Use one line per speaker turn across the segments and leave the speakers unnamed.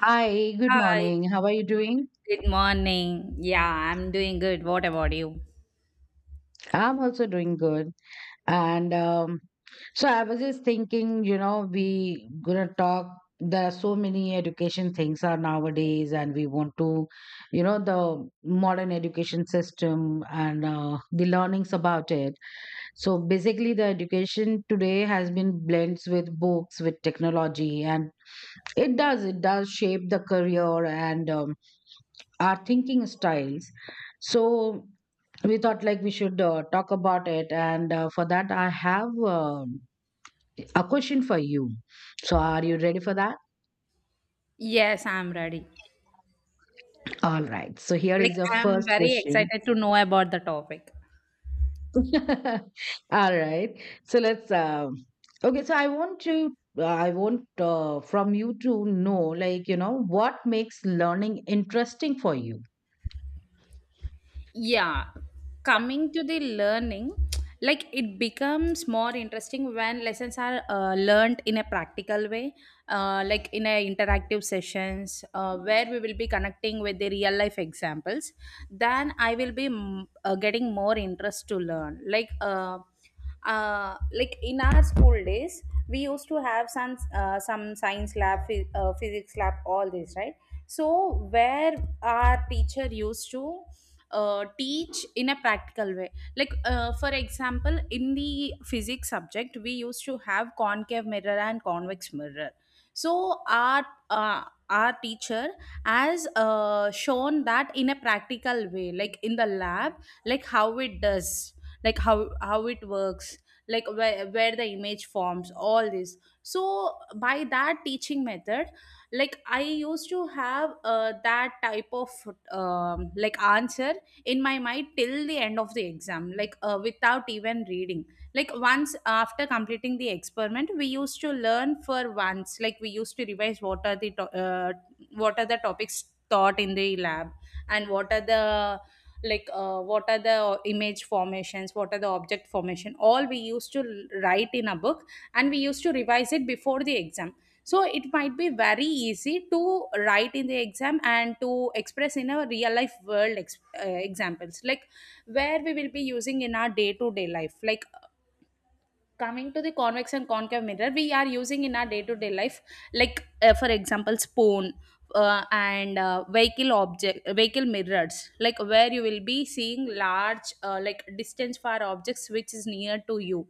Hi, good
Hi,
morning. How are you doing?
good morning. Yeah, I'm doing good. What about you?
I'm also doing good. And so I was just thinking, you know, we gonna talk. There are so many education things are nowadays, and we want to, you know, the modern education system and the learnings about it. So basically, the education today has been blends with books, with technology, and it does shape the career and our thinking styles. So we thought like we should talk about it and for that I have a question for you, so are you ready for that?
Yes, I'm ready.
All right, so here
Like,
is your
I'm
first
very
question.
excited to know about the topic.
All right, so let's okay so I want to, I want from you to know, like, you know, what makes learning interesting for you?
Yeah, Coming to the learning, like it becomes more interesting when lessons are learned in a practical way, like in a interactive sessions where we will be connecting with the real life examples. Then I will be getting more interest to learn. Like in our school days, we used to have some science lab, physics lab, all this, right? So where our teacher used to teach in a practical way, like for example in the physics subject we used to have concave mirror and convex mirror. So our teacher has shown that in a practical way, like in the lab, like how it does, like how it works, like where the image forms, all this. So by that teaching method, like I used to have that type of like answer in my mind till the end of the exam, like without even reading. Like, once after completing the experiment we used to learn for once, like we used to revise what are the what are the topics taught in the lab, and what are the, what are the image formations, what are the object formation, all we used to write in a book, and we used to revise it before the exam. So it might be very easy to write in the exam and to express in a real life world examples, like where we will be using in our day to day life. Like coming to the convex and concave mirror, we are using in our day-to-day life, like for example spoon, and vehicle object vehicle mirrors, like where you will be seeing large like distance for objects which is near to you.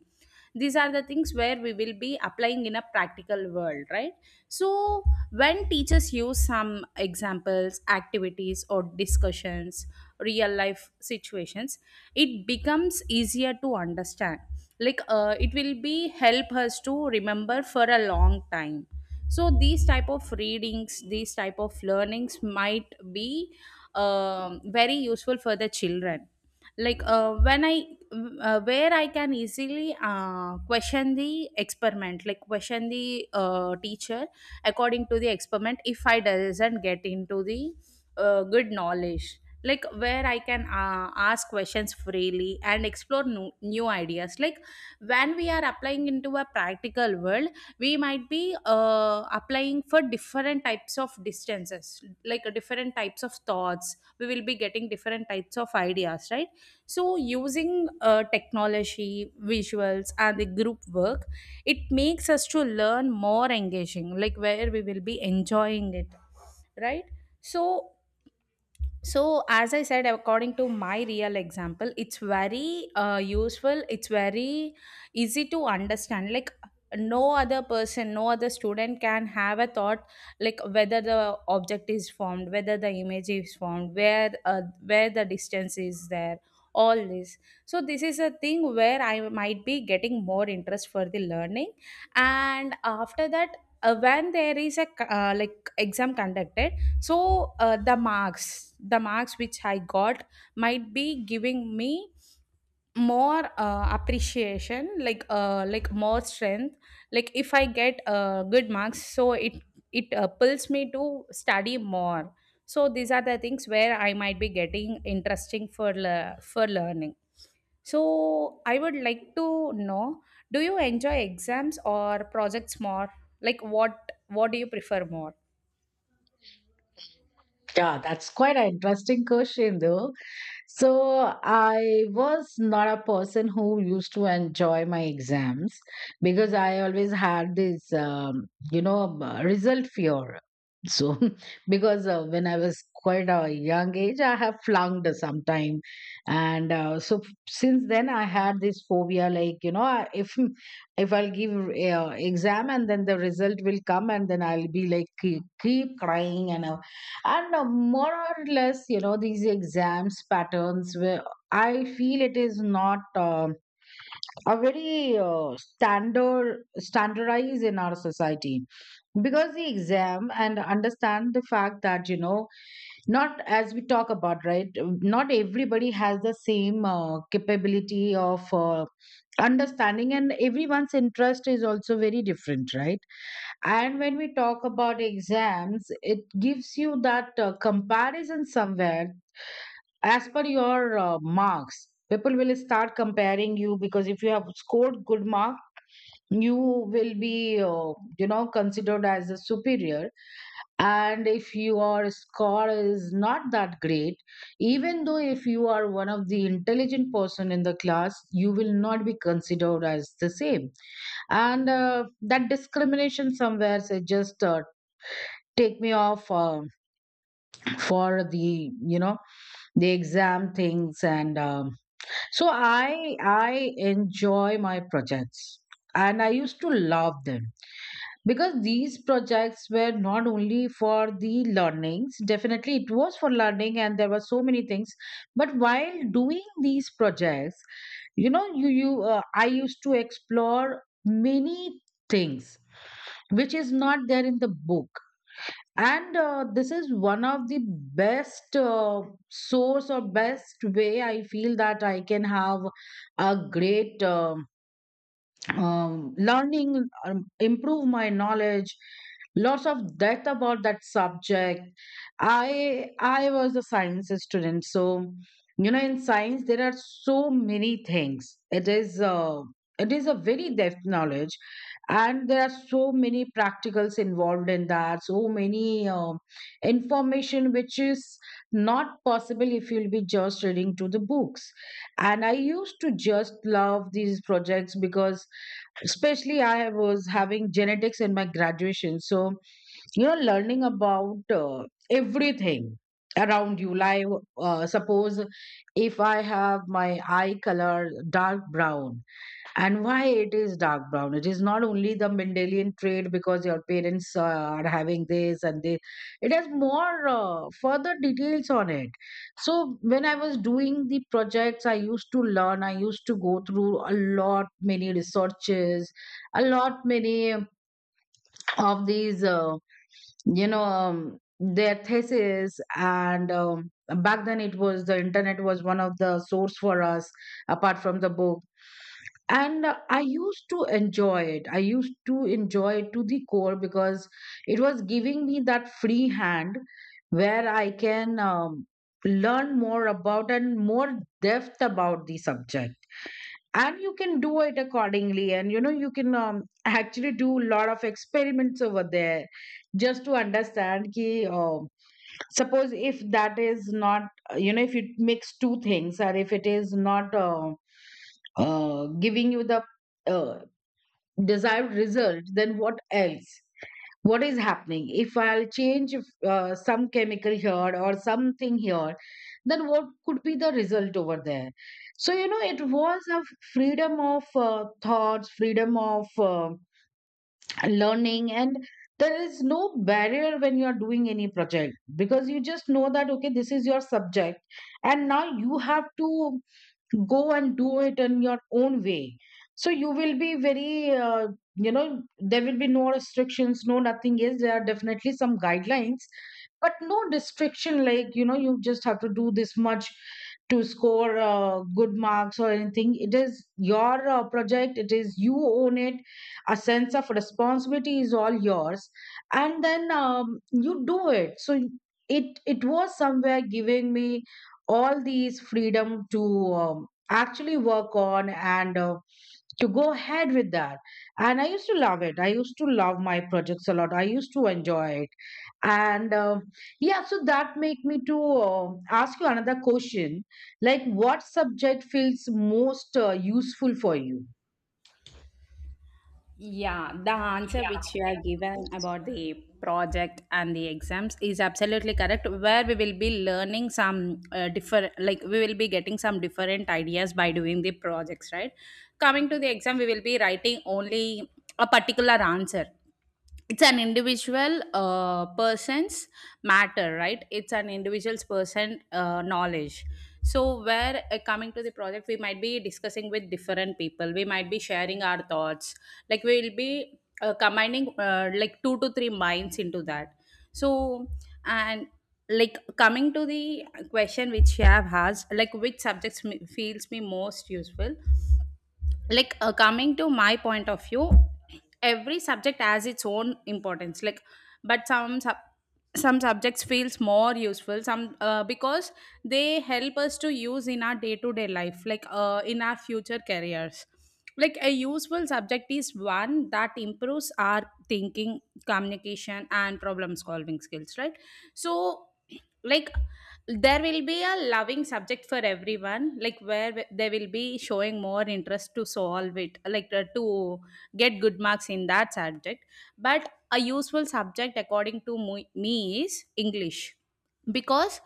These are the things where we will be applying in a practical world, right? So when teachers use some examples, activities, or discussions, real life situations, it becomes easier to understand. It will be help us to remember for a long time. So these type of readings, these type of learnings might be very useful for the children. When I where I can easily question the experiment, like question the teacher according to the experiment. If I doesn't get into the good knowledge, like where I can ask questions freely and explore new ideas. Like, when we are applying into a practical world, we might be applying for different types of distances, different types of thoughts, we will be getting different types of ideas, right? So using technology, visuals, and the group work, it makes us to learn more engaging, like where we will be enjoying it, right? So so, as I said, according to my real example, it's very useful. It's very easy to understand. Like, no other person, no other student can have a thought, like whether the object is formed, whether the image is formed, where the distance is there, all this. So, this is a thing where I might be getting more interest for the learning, and after that, when there is a like exam conducted. So the marks which I got might be giving me more appreciation, like more strength. Like if I get good marks, so it pulls me to study more. So these are the things where I might be getting interesting for for learning. So I would like to know, do you enjoy exams or projects more? Like what do you prefer more?
Yeah, that's quite an interesting question, though. So, I was not a person who used to enjoy my exams because I always had this, you know, result fear. So, because when I was quite a young age, I have flunked sometime. And so, since then, I had this phobia, like, you know, if I'll give exam and then the result will come and then I'll be like, keep crying, and more or less, you know, these exams patterns where I feel it is not are very standardized in our society. Because the exam, and understand the fact that, you know, not as we talk about, right, not everybody has the same capability of understanding, and everyone's interest is also very different, right? And when we talk about exams, it gives you that comparison somewhere. As per your marks, people will start comparing you, because if you have scored good mark, you will be, you know, considered as a superior, and if your score is not that great, even though if you are one of the intelligent person in the class, you will not be considered as the same. And that discrimination somewhere say just take me off for the, you know, the exam things and so I enjoy my projects, and I used to love them, because these projects were not only for the learnings, definitely it was for learning and there were so many things, but while doing these projects, you know, you I used to explore many things which is not there in the book. And this is one of the best source or best way I feel that I can have a great, learning, improve my knowledge, lots of depth about that subject. I was a science student, so, you know, in science there are so many things. It is it is a very depth knowledge, and there are so many practicals involved in that, so many information which is not possible if you'll be just reading to the books. And I used to just love these projects, because especially I was having genetics in my graduation. So, you know, learning about everything around you, like, suppose if I have my eye color dark brown, and why it is dark brown? It is not only the Mendelian trait because your parents are having this and they. It has more further details on it. So when I was doing the projects, I used to learn. I used to go through a lot many researches, a lot many of these, you know, their thesis and. Back then it was, the internet was one of the source for us apart from the book. And I used to enjoy it, I used to enjoy it to the core, because it was giving me that free hand where I can, learn more about and more depth about the subject, and you can do it accordingly. And, you know, you can, actually do a lot of experiments over there, just to understand ki, um suppose if that is not, you know, if you mix two things, or if it is not giving you the uh, desired result, then what else? What is happening? If I'll change some chemical here or something here, then what could be the result over there? So, you know, it was a freedom of thoughts, freedom of learning, and there is no barrier when you are doing any project, because you just know that, okay, this is your subject, and now you have to go and do it in your own way. So you will be very, you know, there will be no restrictions, no nothing. Yes, there are definitely some guidelines, but no restriction, like, you know, you just have to do this much to score good marks or anything. It is your project, it is you own it, a sense of responsibility is all yours, and then, you do it. So it was somewhere giving me all these freedom to, um, actually work on and to go ahead with that. And I used to love it. I used to love my projects a lot. I used to enjoy it. And yeah, so that make me to ask you another question. Like, what subject feels most useful for you?
Yeah, the answer which you have given about the project and the exams is absolutely correct. Where we will be learning some different, like we will be getting some different ideas by doing the projects, right? Coming to the exam, we will be writing only a particular answer. It's an individual person's matter, right? It's an individual's person knowledge. So where coming to the project, we might be discussing with different people, we might be sharing our thoughts, like we will be combining like two to three minds into that. So and like coming to the question which you have asked, like which subjects feels me most useful. Like coming to my point of view, every subject has its own importance. Like, but some subjects feels more useful, some because they help us to use in our day to day life, like in our future careers. Like a useful subject is one that improves our thinking, communication, and problem solving skills, right? So, like, there will be a loving subject for everyone, like where they will be showing more interest to solve it, to get good marks in that subject. But a useful subject according to me is English, because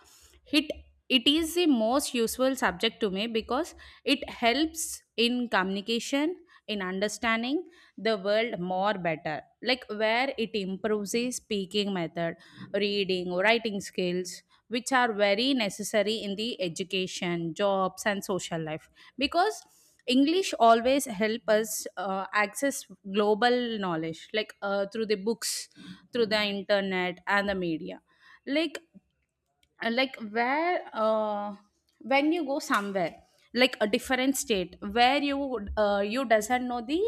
it it is the most useful subject to me, because it helps in communication, in understanding the world more better, like where it improves the speaking method, reading, writing skills, which are very necessary in the education, jobs, and social life. Because English always help us access global knowledge, like through the books, through the internet, and the media. Like like where When you go somewhere, like a different state where you would, you doesn't know the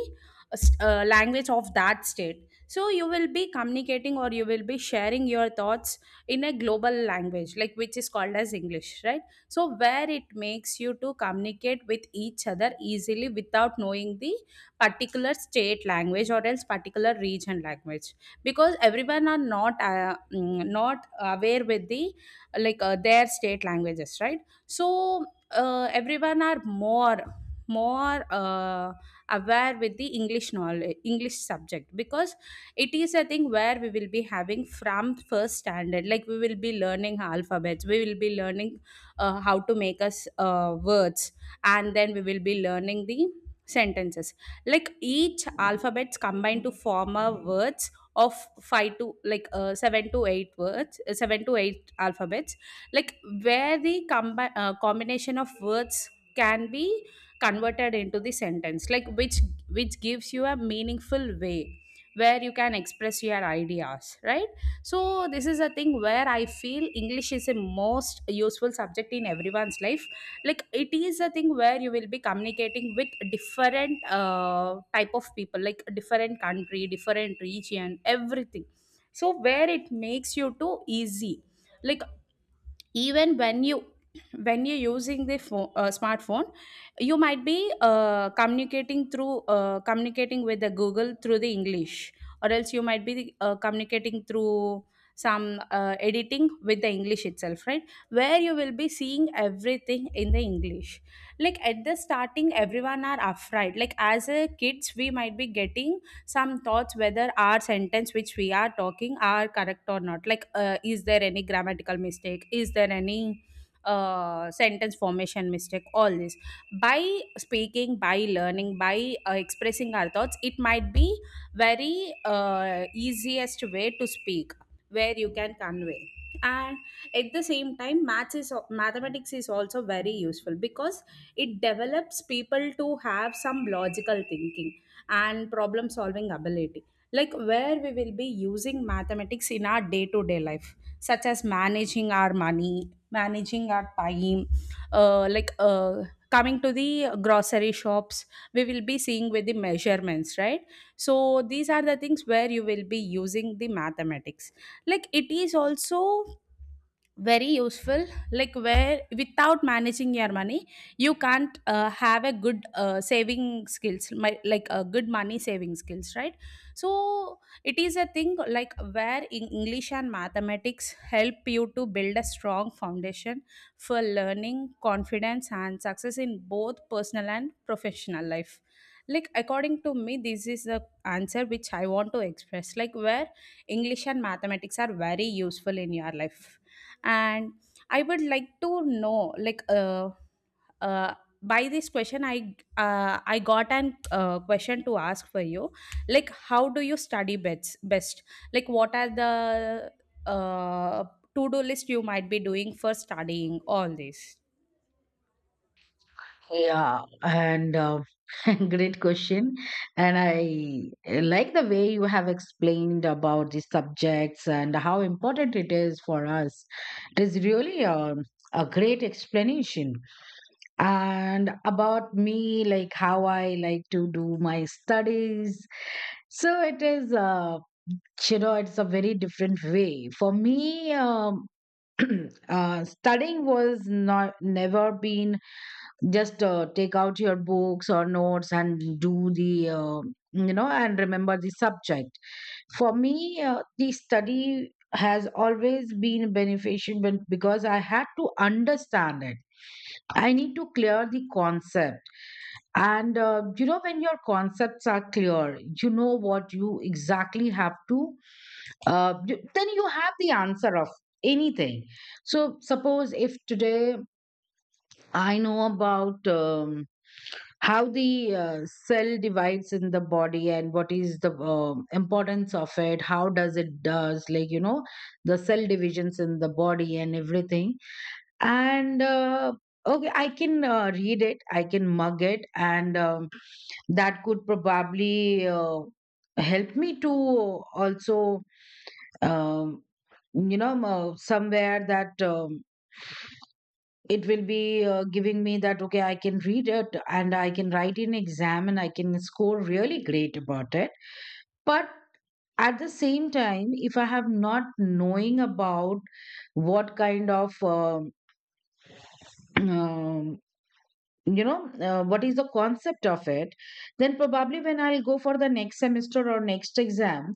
language of that state, so you will be communicating or you will be sharing your thoughts in a global language, like which is called as English, right? So where it makes you to communicate with each other easily without knowing the particular state language or else particular region language, because everyone are not not aware with the their state languages, right? So everyone are more aware with the English knowledge, English subject, because it is a thing where we will be having from first standard. Like we will be learning alphabets, we will be learning how to make us words, and then we will be learning the sentences, like each alphabets combined to form a words of 5 to 7 to 8 words alphabets, 7 to 8 alphabets, like where the combination of words can be converted into the sentence, like which gives you a meaningful way where you can express your ideas, right? So this is a thing where I feel English is a most useful subject in everyone's life. Like it is a thing where you will be communicating with different type of people, like different country, different region, everything. So where it makes you too easy, like even when you, when you're using the phone, smartphone, you might be communicating with the Google through the English, or else you might be communicating through some editing with the English itself, right? Where you will be seeing everything in the English. Like at the starting, everyone are afraid, like as a kids we might be getting some thoughts whether our sentence which we are talking are correct or not, is there any grammatical mistake, is there any sentence formation mistake, all this. By speaking, by learning, by expressing our thoughts, it might be very easiest way to speak where you can convey. And at the same time maths is mathematics is also very useful, because it develops people to have some logical thinking and problem solving ability, like where we will be using mathematics in our day to day life, such as managing our money, managing our time, uh, like uh, coming to the grocery shops, we will be seeing with the measurements, right? So these are the things where you will be using the mathematics. Like it is also very useful, like where without managing your money, you can't have a good saving skills my, like a good money saving skills, right? So it is a thing like where in english and mathematics help you to build a strong foundation for learning, confidence, and success in both personal and professional life. Like according to me, this is the answer which I want to express, like where English and mathematics are very useful in your life. And I would like to know, uh, by this question I got an question to ask for you. Like how do you study best? Like what are the uh, to do list you might be doing for studying, all this?
Yeah, and great question. And I like the way you have explained about the subjects and how important it is for us. It is really a great explanation. And about me, like how I like to do my studies. So it is, you know, it's a very different way. For me, studying was not never been just take out your books or notes and do the, you know, and remember the subject. For me, the study has always been beneficial because I had to understand it, I need to clear the concept. And, you know, when your concepts are clear, you know what you exactly have to, then you have the answer of anything. So suppose if today I know about, how the, cell divides in the body and what is the importance of it, how does it does, like, you know, the cell divisions in the body and everything. And okay, I can read it, I can mug it, and, that could probably help me to also, um, you know, somewhere that, it will be giving me that, okay, I can read it and I can write an exam and I can score really great about it. But at the same time, if I have not knowing about what kind of, you know, what is the concept of it, then probably when I'll go for the next semester or next exam,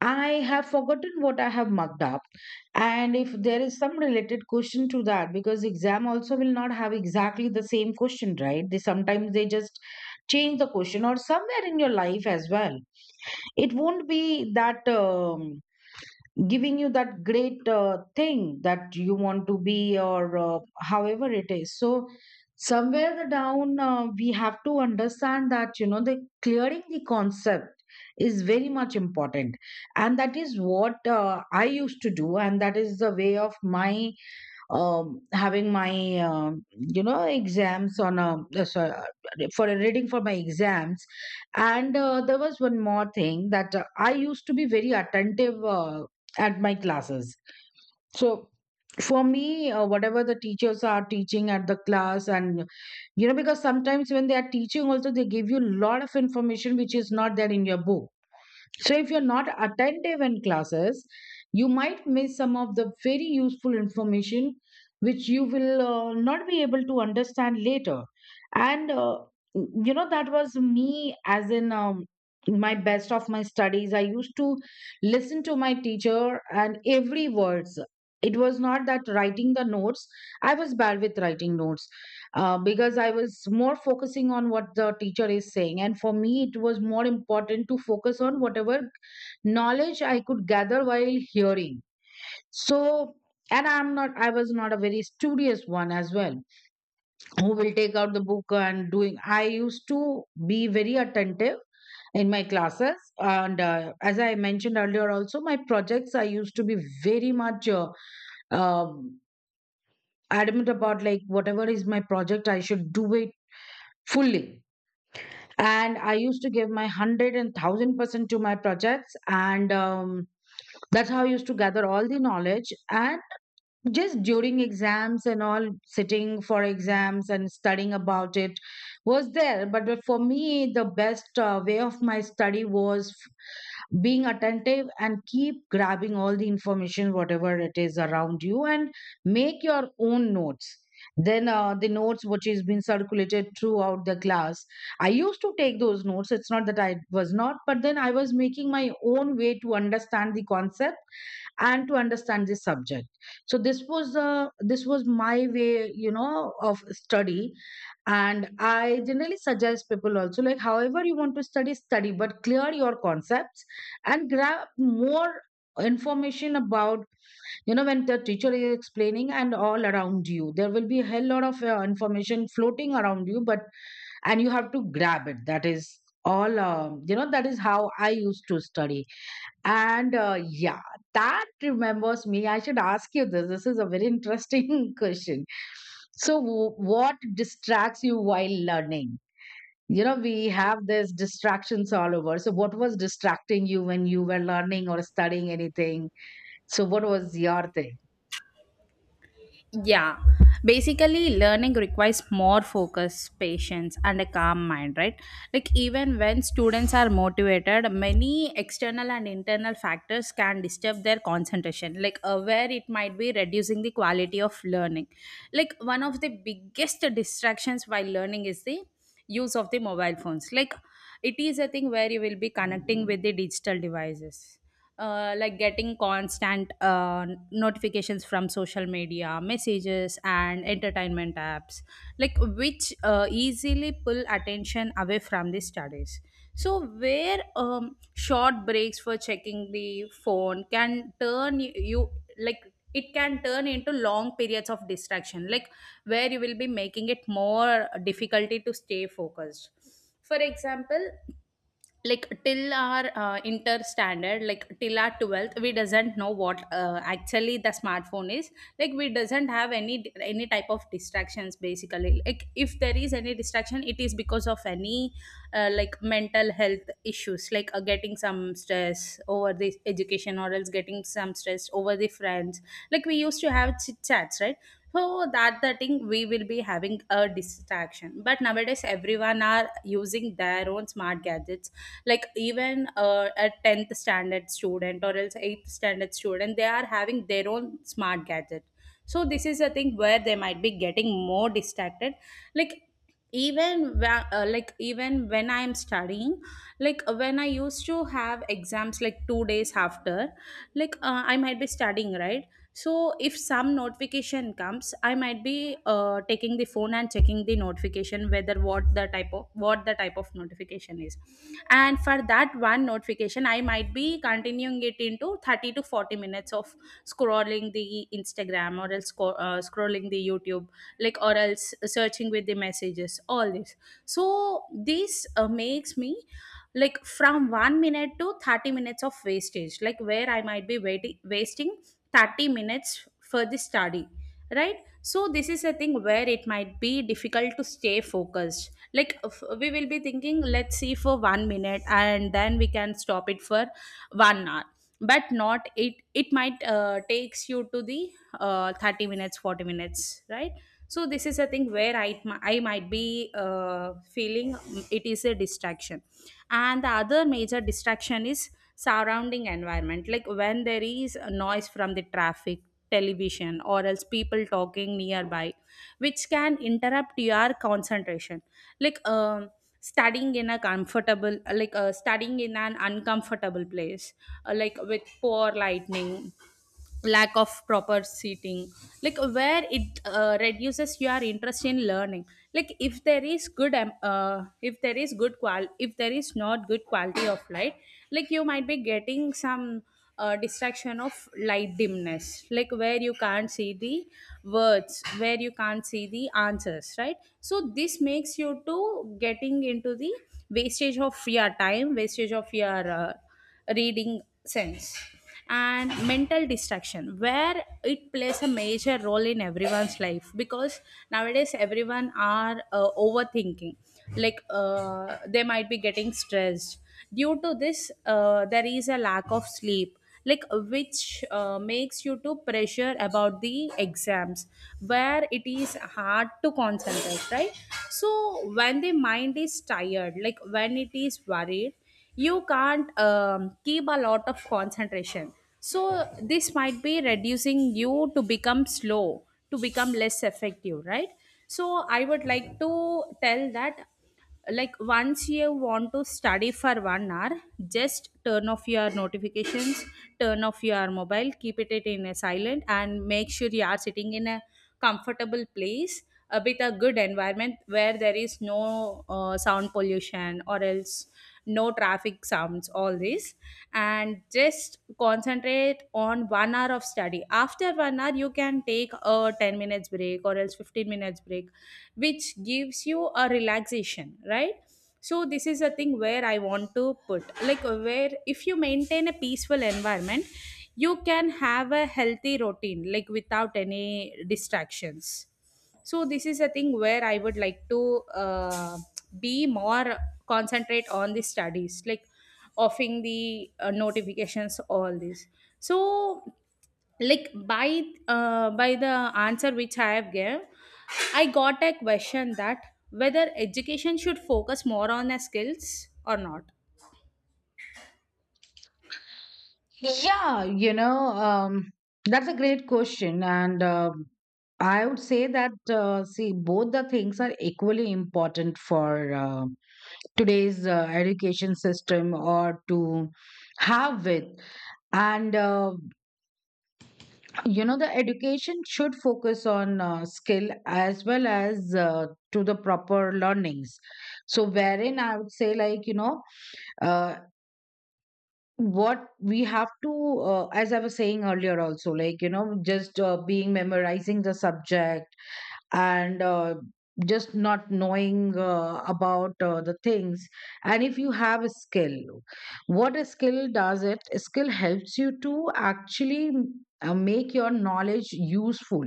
I have forgotten what I have mugged up. And if there is some related question to that, because exam also will not have exactly the same question, right, they sometimes they just change the question, or somewhere in your life as well, it won't be that, giving you that great thing that you want to be, or however it is. So somewhere the down, we have to understand that, you know, the clearing the concept is very much important. And that is what I used to do, and that is the way of my, having my, you know, exams on a, sorry, for a reading for my exams. And there was one more thing that I used to be very attentive at my classes. So for me, whatever the teachers are teaching at the class, and, you know, because sometimes when they are teaching also, they give you a lot of information which is not there in your book. So, if you're not attentive in classes, you might miss some of the very useful information which you will not be able to understand later. And, you know, that was me as in, my best of my studies. I used to listen to my teacher and every words. It was not that writing the notes. I was bad with writing notes, because I was more focusing on what the teacher is saying. And for me, it was more important to focus on whatever knowledge I could gather while hearing. So, and I was not a very studious one as well, who will take out the book and doing. I used to be very attentive in my classes. And as I mentioned earlier, also, my projects, I used to be very much um, adamant about, like, whatever is my project, I should do it fully, and I used to give my 100% to my projects. And that's how I used to gather all the knowledge. And just during exams and all, sitting for exams and studying about it was there, but for me the best way of my study was being attentive and keep grabbing all the information, whatever it is around you, and make your own notes. Then the notes which is been circulated throughout the class, I used to take those notes. It's not that I was not, but then I was making my own way to understand the concept and to understand this subject. So this was my way, you know, of study. And I generally suggest people also, like, however you want to study, study, but clear your concepts and grab more information about, you know, when the teacher is explaining. And all around you there will be a hell lot of information floating around you, but, and you have to grab it. That is all. You know, that is how I used to study. And yeah, that remembers me. I should ask you this. This is a very interesting question. So, what distracts you while learning? You know, we have these distractions all over. So, what was distracting you when you were learning or studying anything? So, what was your thing?
Yeah, basically, learning requires more focus, patience, and a calm mind, right? Even when students are motivated, many external and internal factors can disturb their concentration, where it might be reducing the quality of learning. One of the biggest distractions while learning is the use of the mobile phones. It is a thing where you will be connecting with the digital devices like getting constant notifications from social media messages and entertainment apps like which easily pull attention away from the studies so where short breaks for checking the phone can turn you. Like, it can turn into long periods of distraction, like where you will be making it more difficulty to stay focused. For example, like till our inter standard, like till our 12th we doesn't know what actually the smartphone is. Like, we doesn't have any type of distractions, basically. Like, if there is any distraction, it is because of any like mental health issues, like getting some stress over the education or else getting some stress over the friends. Like, we used to have chit chats, right? So that the thing, we will be having a distraction. But nowadays everyone are using their own smart gadgets. Like, even a 10th standard student or else 8th standard student, they are having their own smart gadget. So this is a thing where they might be getting more distracted. like even like even when I am studying, like when I used to have exams like 2 days after, like I might be studying, right? So if some notification comes, I might be taking the phone and checking the notification whether what the type of notification is. And for that one notification, I might be continuing it into 30 to 40 minutes of scrolling the Instagram or else scrolling the YouTube, like, or else searching with the messages, all this. So this makes me, like, from 1 minute to 30 minutes of wastage, like where I might be waiting wasting 30 minutes for the study, right? So this is a thing where it might be difficult to stay focused. Like, we will be thinking let's see for 1 minute and then we can stop it for 1 hour. But not, it might takes you to the 30 minutes, 40 minutes, right? So this is a thing where I might be uh, feeling it is a distraction. And the other major distraction is surrounding environment, like when there is a noise from the traffic, television, or else people talking nearby, which can interrupt your concentration. like um studying in a comfortable like studying in an uncomfortable place, like with poor lightning, lack of proper seating, like where it reduces your interest in learning. Like, if there is good if there is good qual if there is not good quality of light, like you might be getting some distraction of light dimness, like where you can't see the words, where you can't see the answers, right? So this makes you to getting into the wastage of your time, wastage of your reading sense. And mental distraction, where it plays a major role in everyone's life, because nowadays everyone are overthinking. Like, they might be getting stressed. Due to this, there is a lack of sleep, like which makes you to pressure about the exams, where it is hard to concentrate, right? So when the mind is tired, like when it is worried, you can't keep a lot of concentration. So this might be reducing you to become slow, to become less effective, right? So I would like to tell that, like, once you want to study for 1 hour, just turn off your notifications, turn off your mobile, keep it in a silent, and make sure you are sitting in a comfortable place, with a good environment where there is no sound pollution or else no traffic sounds, all this. And just concentrate on 1 hour of study. After 1 hour, you can take a 10 minutes break or else 15 minutes break, which gives you a relaxation, right? So this is a thing where I want to put, like, where if you maintain a peaceful environment, you can have a healthy routine, like without any distractions. So this is a thing where I would like to uh, be more concentrate on the studies, like offing the notifications, all this. So, like, by the answer which I have gave, I got a question that whether education should focus more on the skills or not.
Yeah, you know, that's a great question. And I would say that, see, both the things are equally important for today's education system or to have with. And, you know, the education should focus on skill as well as to the proper learnings. So, wherein I would say, like, you know, uh. what we have to as I was saying earlier also, like, you know, just being memorizing the subject and just not knowing about the things. And if you have a skill, what a skill does, it, a skill helps you to actually make your knowledge useful.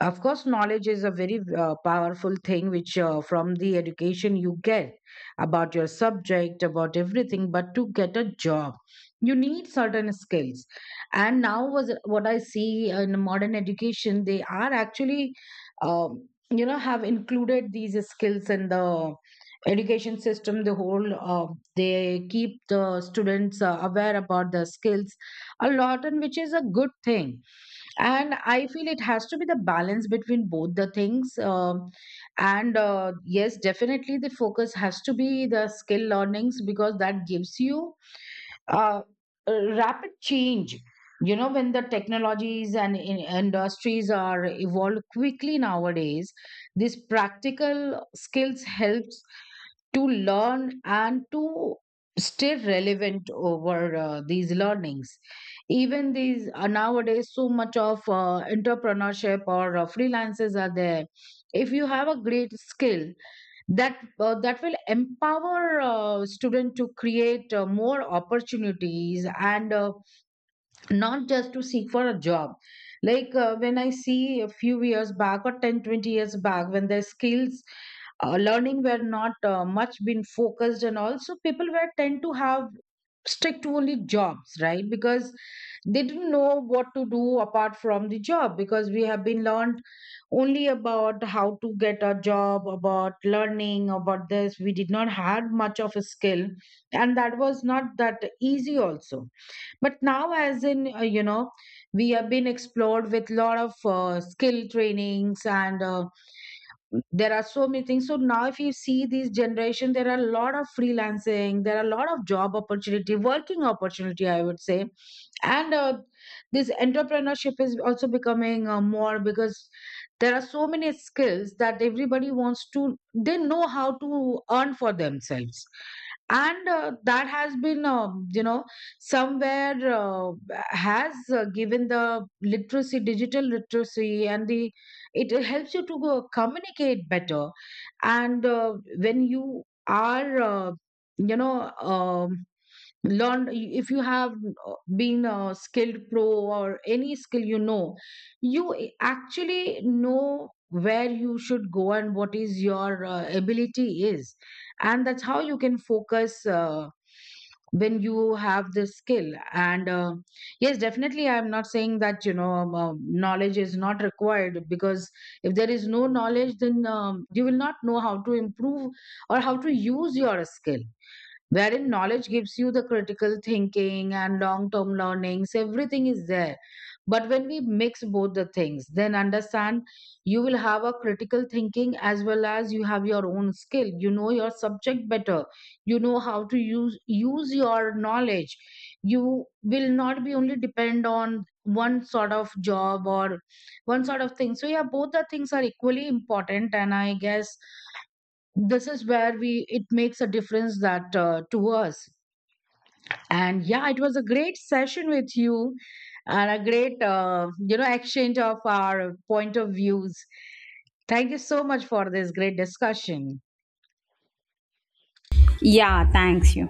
Of course, knowledge is a very powerful thing, which from the education you get about your subject, about everything. But to get a job, you need certain skills. And now, was what I see in modern education, they are actually, you know, have included these skills in the education system. The whole they keep the students aware about the skills a lot, and which is a good thing. And I feel it has to be the balance between both the things. And Yes, definitely, the focus has to be the skill learnings, because that gives you uh, rapid change. You know, when the technologies and in industries are evolved quickly nowadays, this practical skills helps to learn and to stay relevant over these learnings. Even these nowadays, so much of entrepreneurship or freelancers are there. If you have a great skill, that will empower student to create more opportunities, and not just to seek for a job. Like, when I see a few years back or 10, 20 years back, when their skills learning were not much been focused, and also people were tend to have stick to only jobs, right? Because they didn't know what to do apart from the job, because we have been learned only about how to get a job, about learning about this. We did not have much of a skill, and that was not that easy also. But now, as in, you know, we have been explored with lot of skill trainings, and there are so many things. So now, if you see this generation, there are a lot of freelancing, there are a lot of job opportunity, working opportunity, I would say. And this entrepreneurship is also becoming more, because there are so many skills that everybody wants to, they know how to earn for themselves. And that has been, you know, somewhere has given the literacy, digital literacy, and the it helps you to go communicate better. And when you are you know, learned, if you have been a skilled pro or any skill, you know, you actually know where you should go and what is your ability is. And that's how you can focus when you have this skill. And yes, definitely, I'm not saying that, you know, knowledge is not required, because if there is no knowledge, then you will not know how to improve or how to use your skill. Wherein knowledge gives you the critical thinking and long term learnings, everything is there. But when we mix both the things, then understand, you will have a critical thinking as well as you have your own skill, you know your subject better, you know how to use your knowledge. You will not be only depend on one sort of job or one sort of thing. So yeah, both the things are equally important, and I guess this is where we, it makes a difference, that to us. And yeah, it was a great session with you, and a great you know, exchange of our point of views. Thank you so much for this great discussion.
Yeah, thanks you.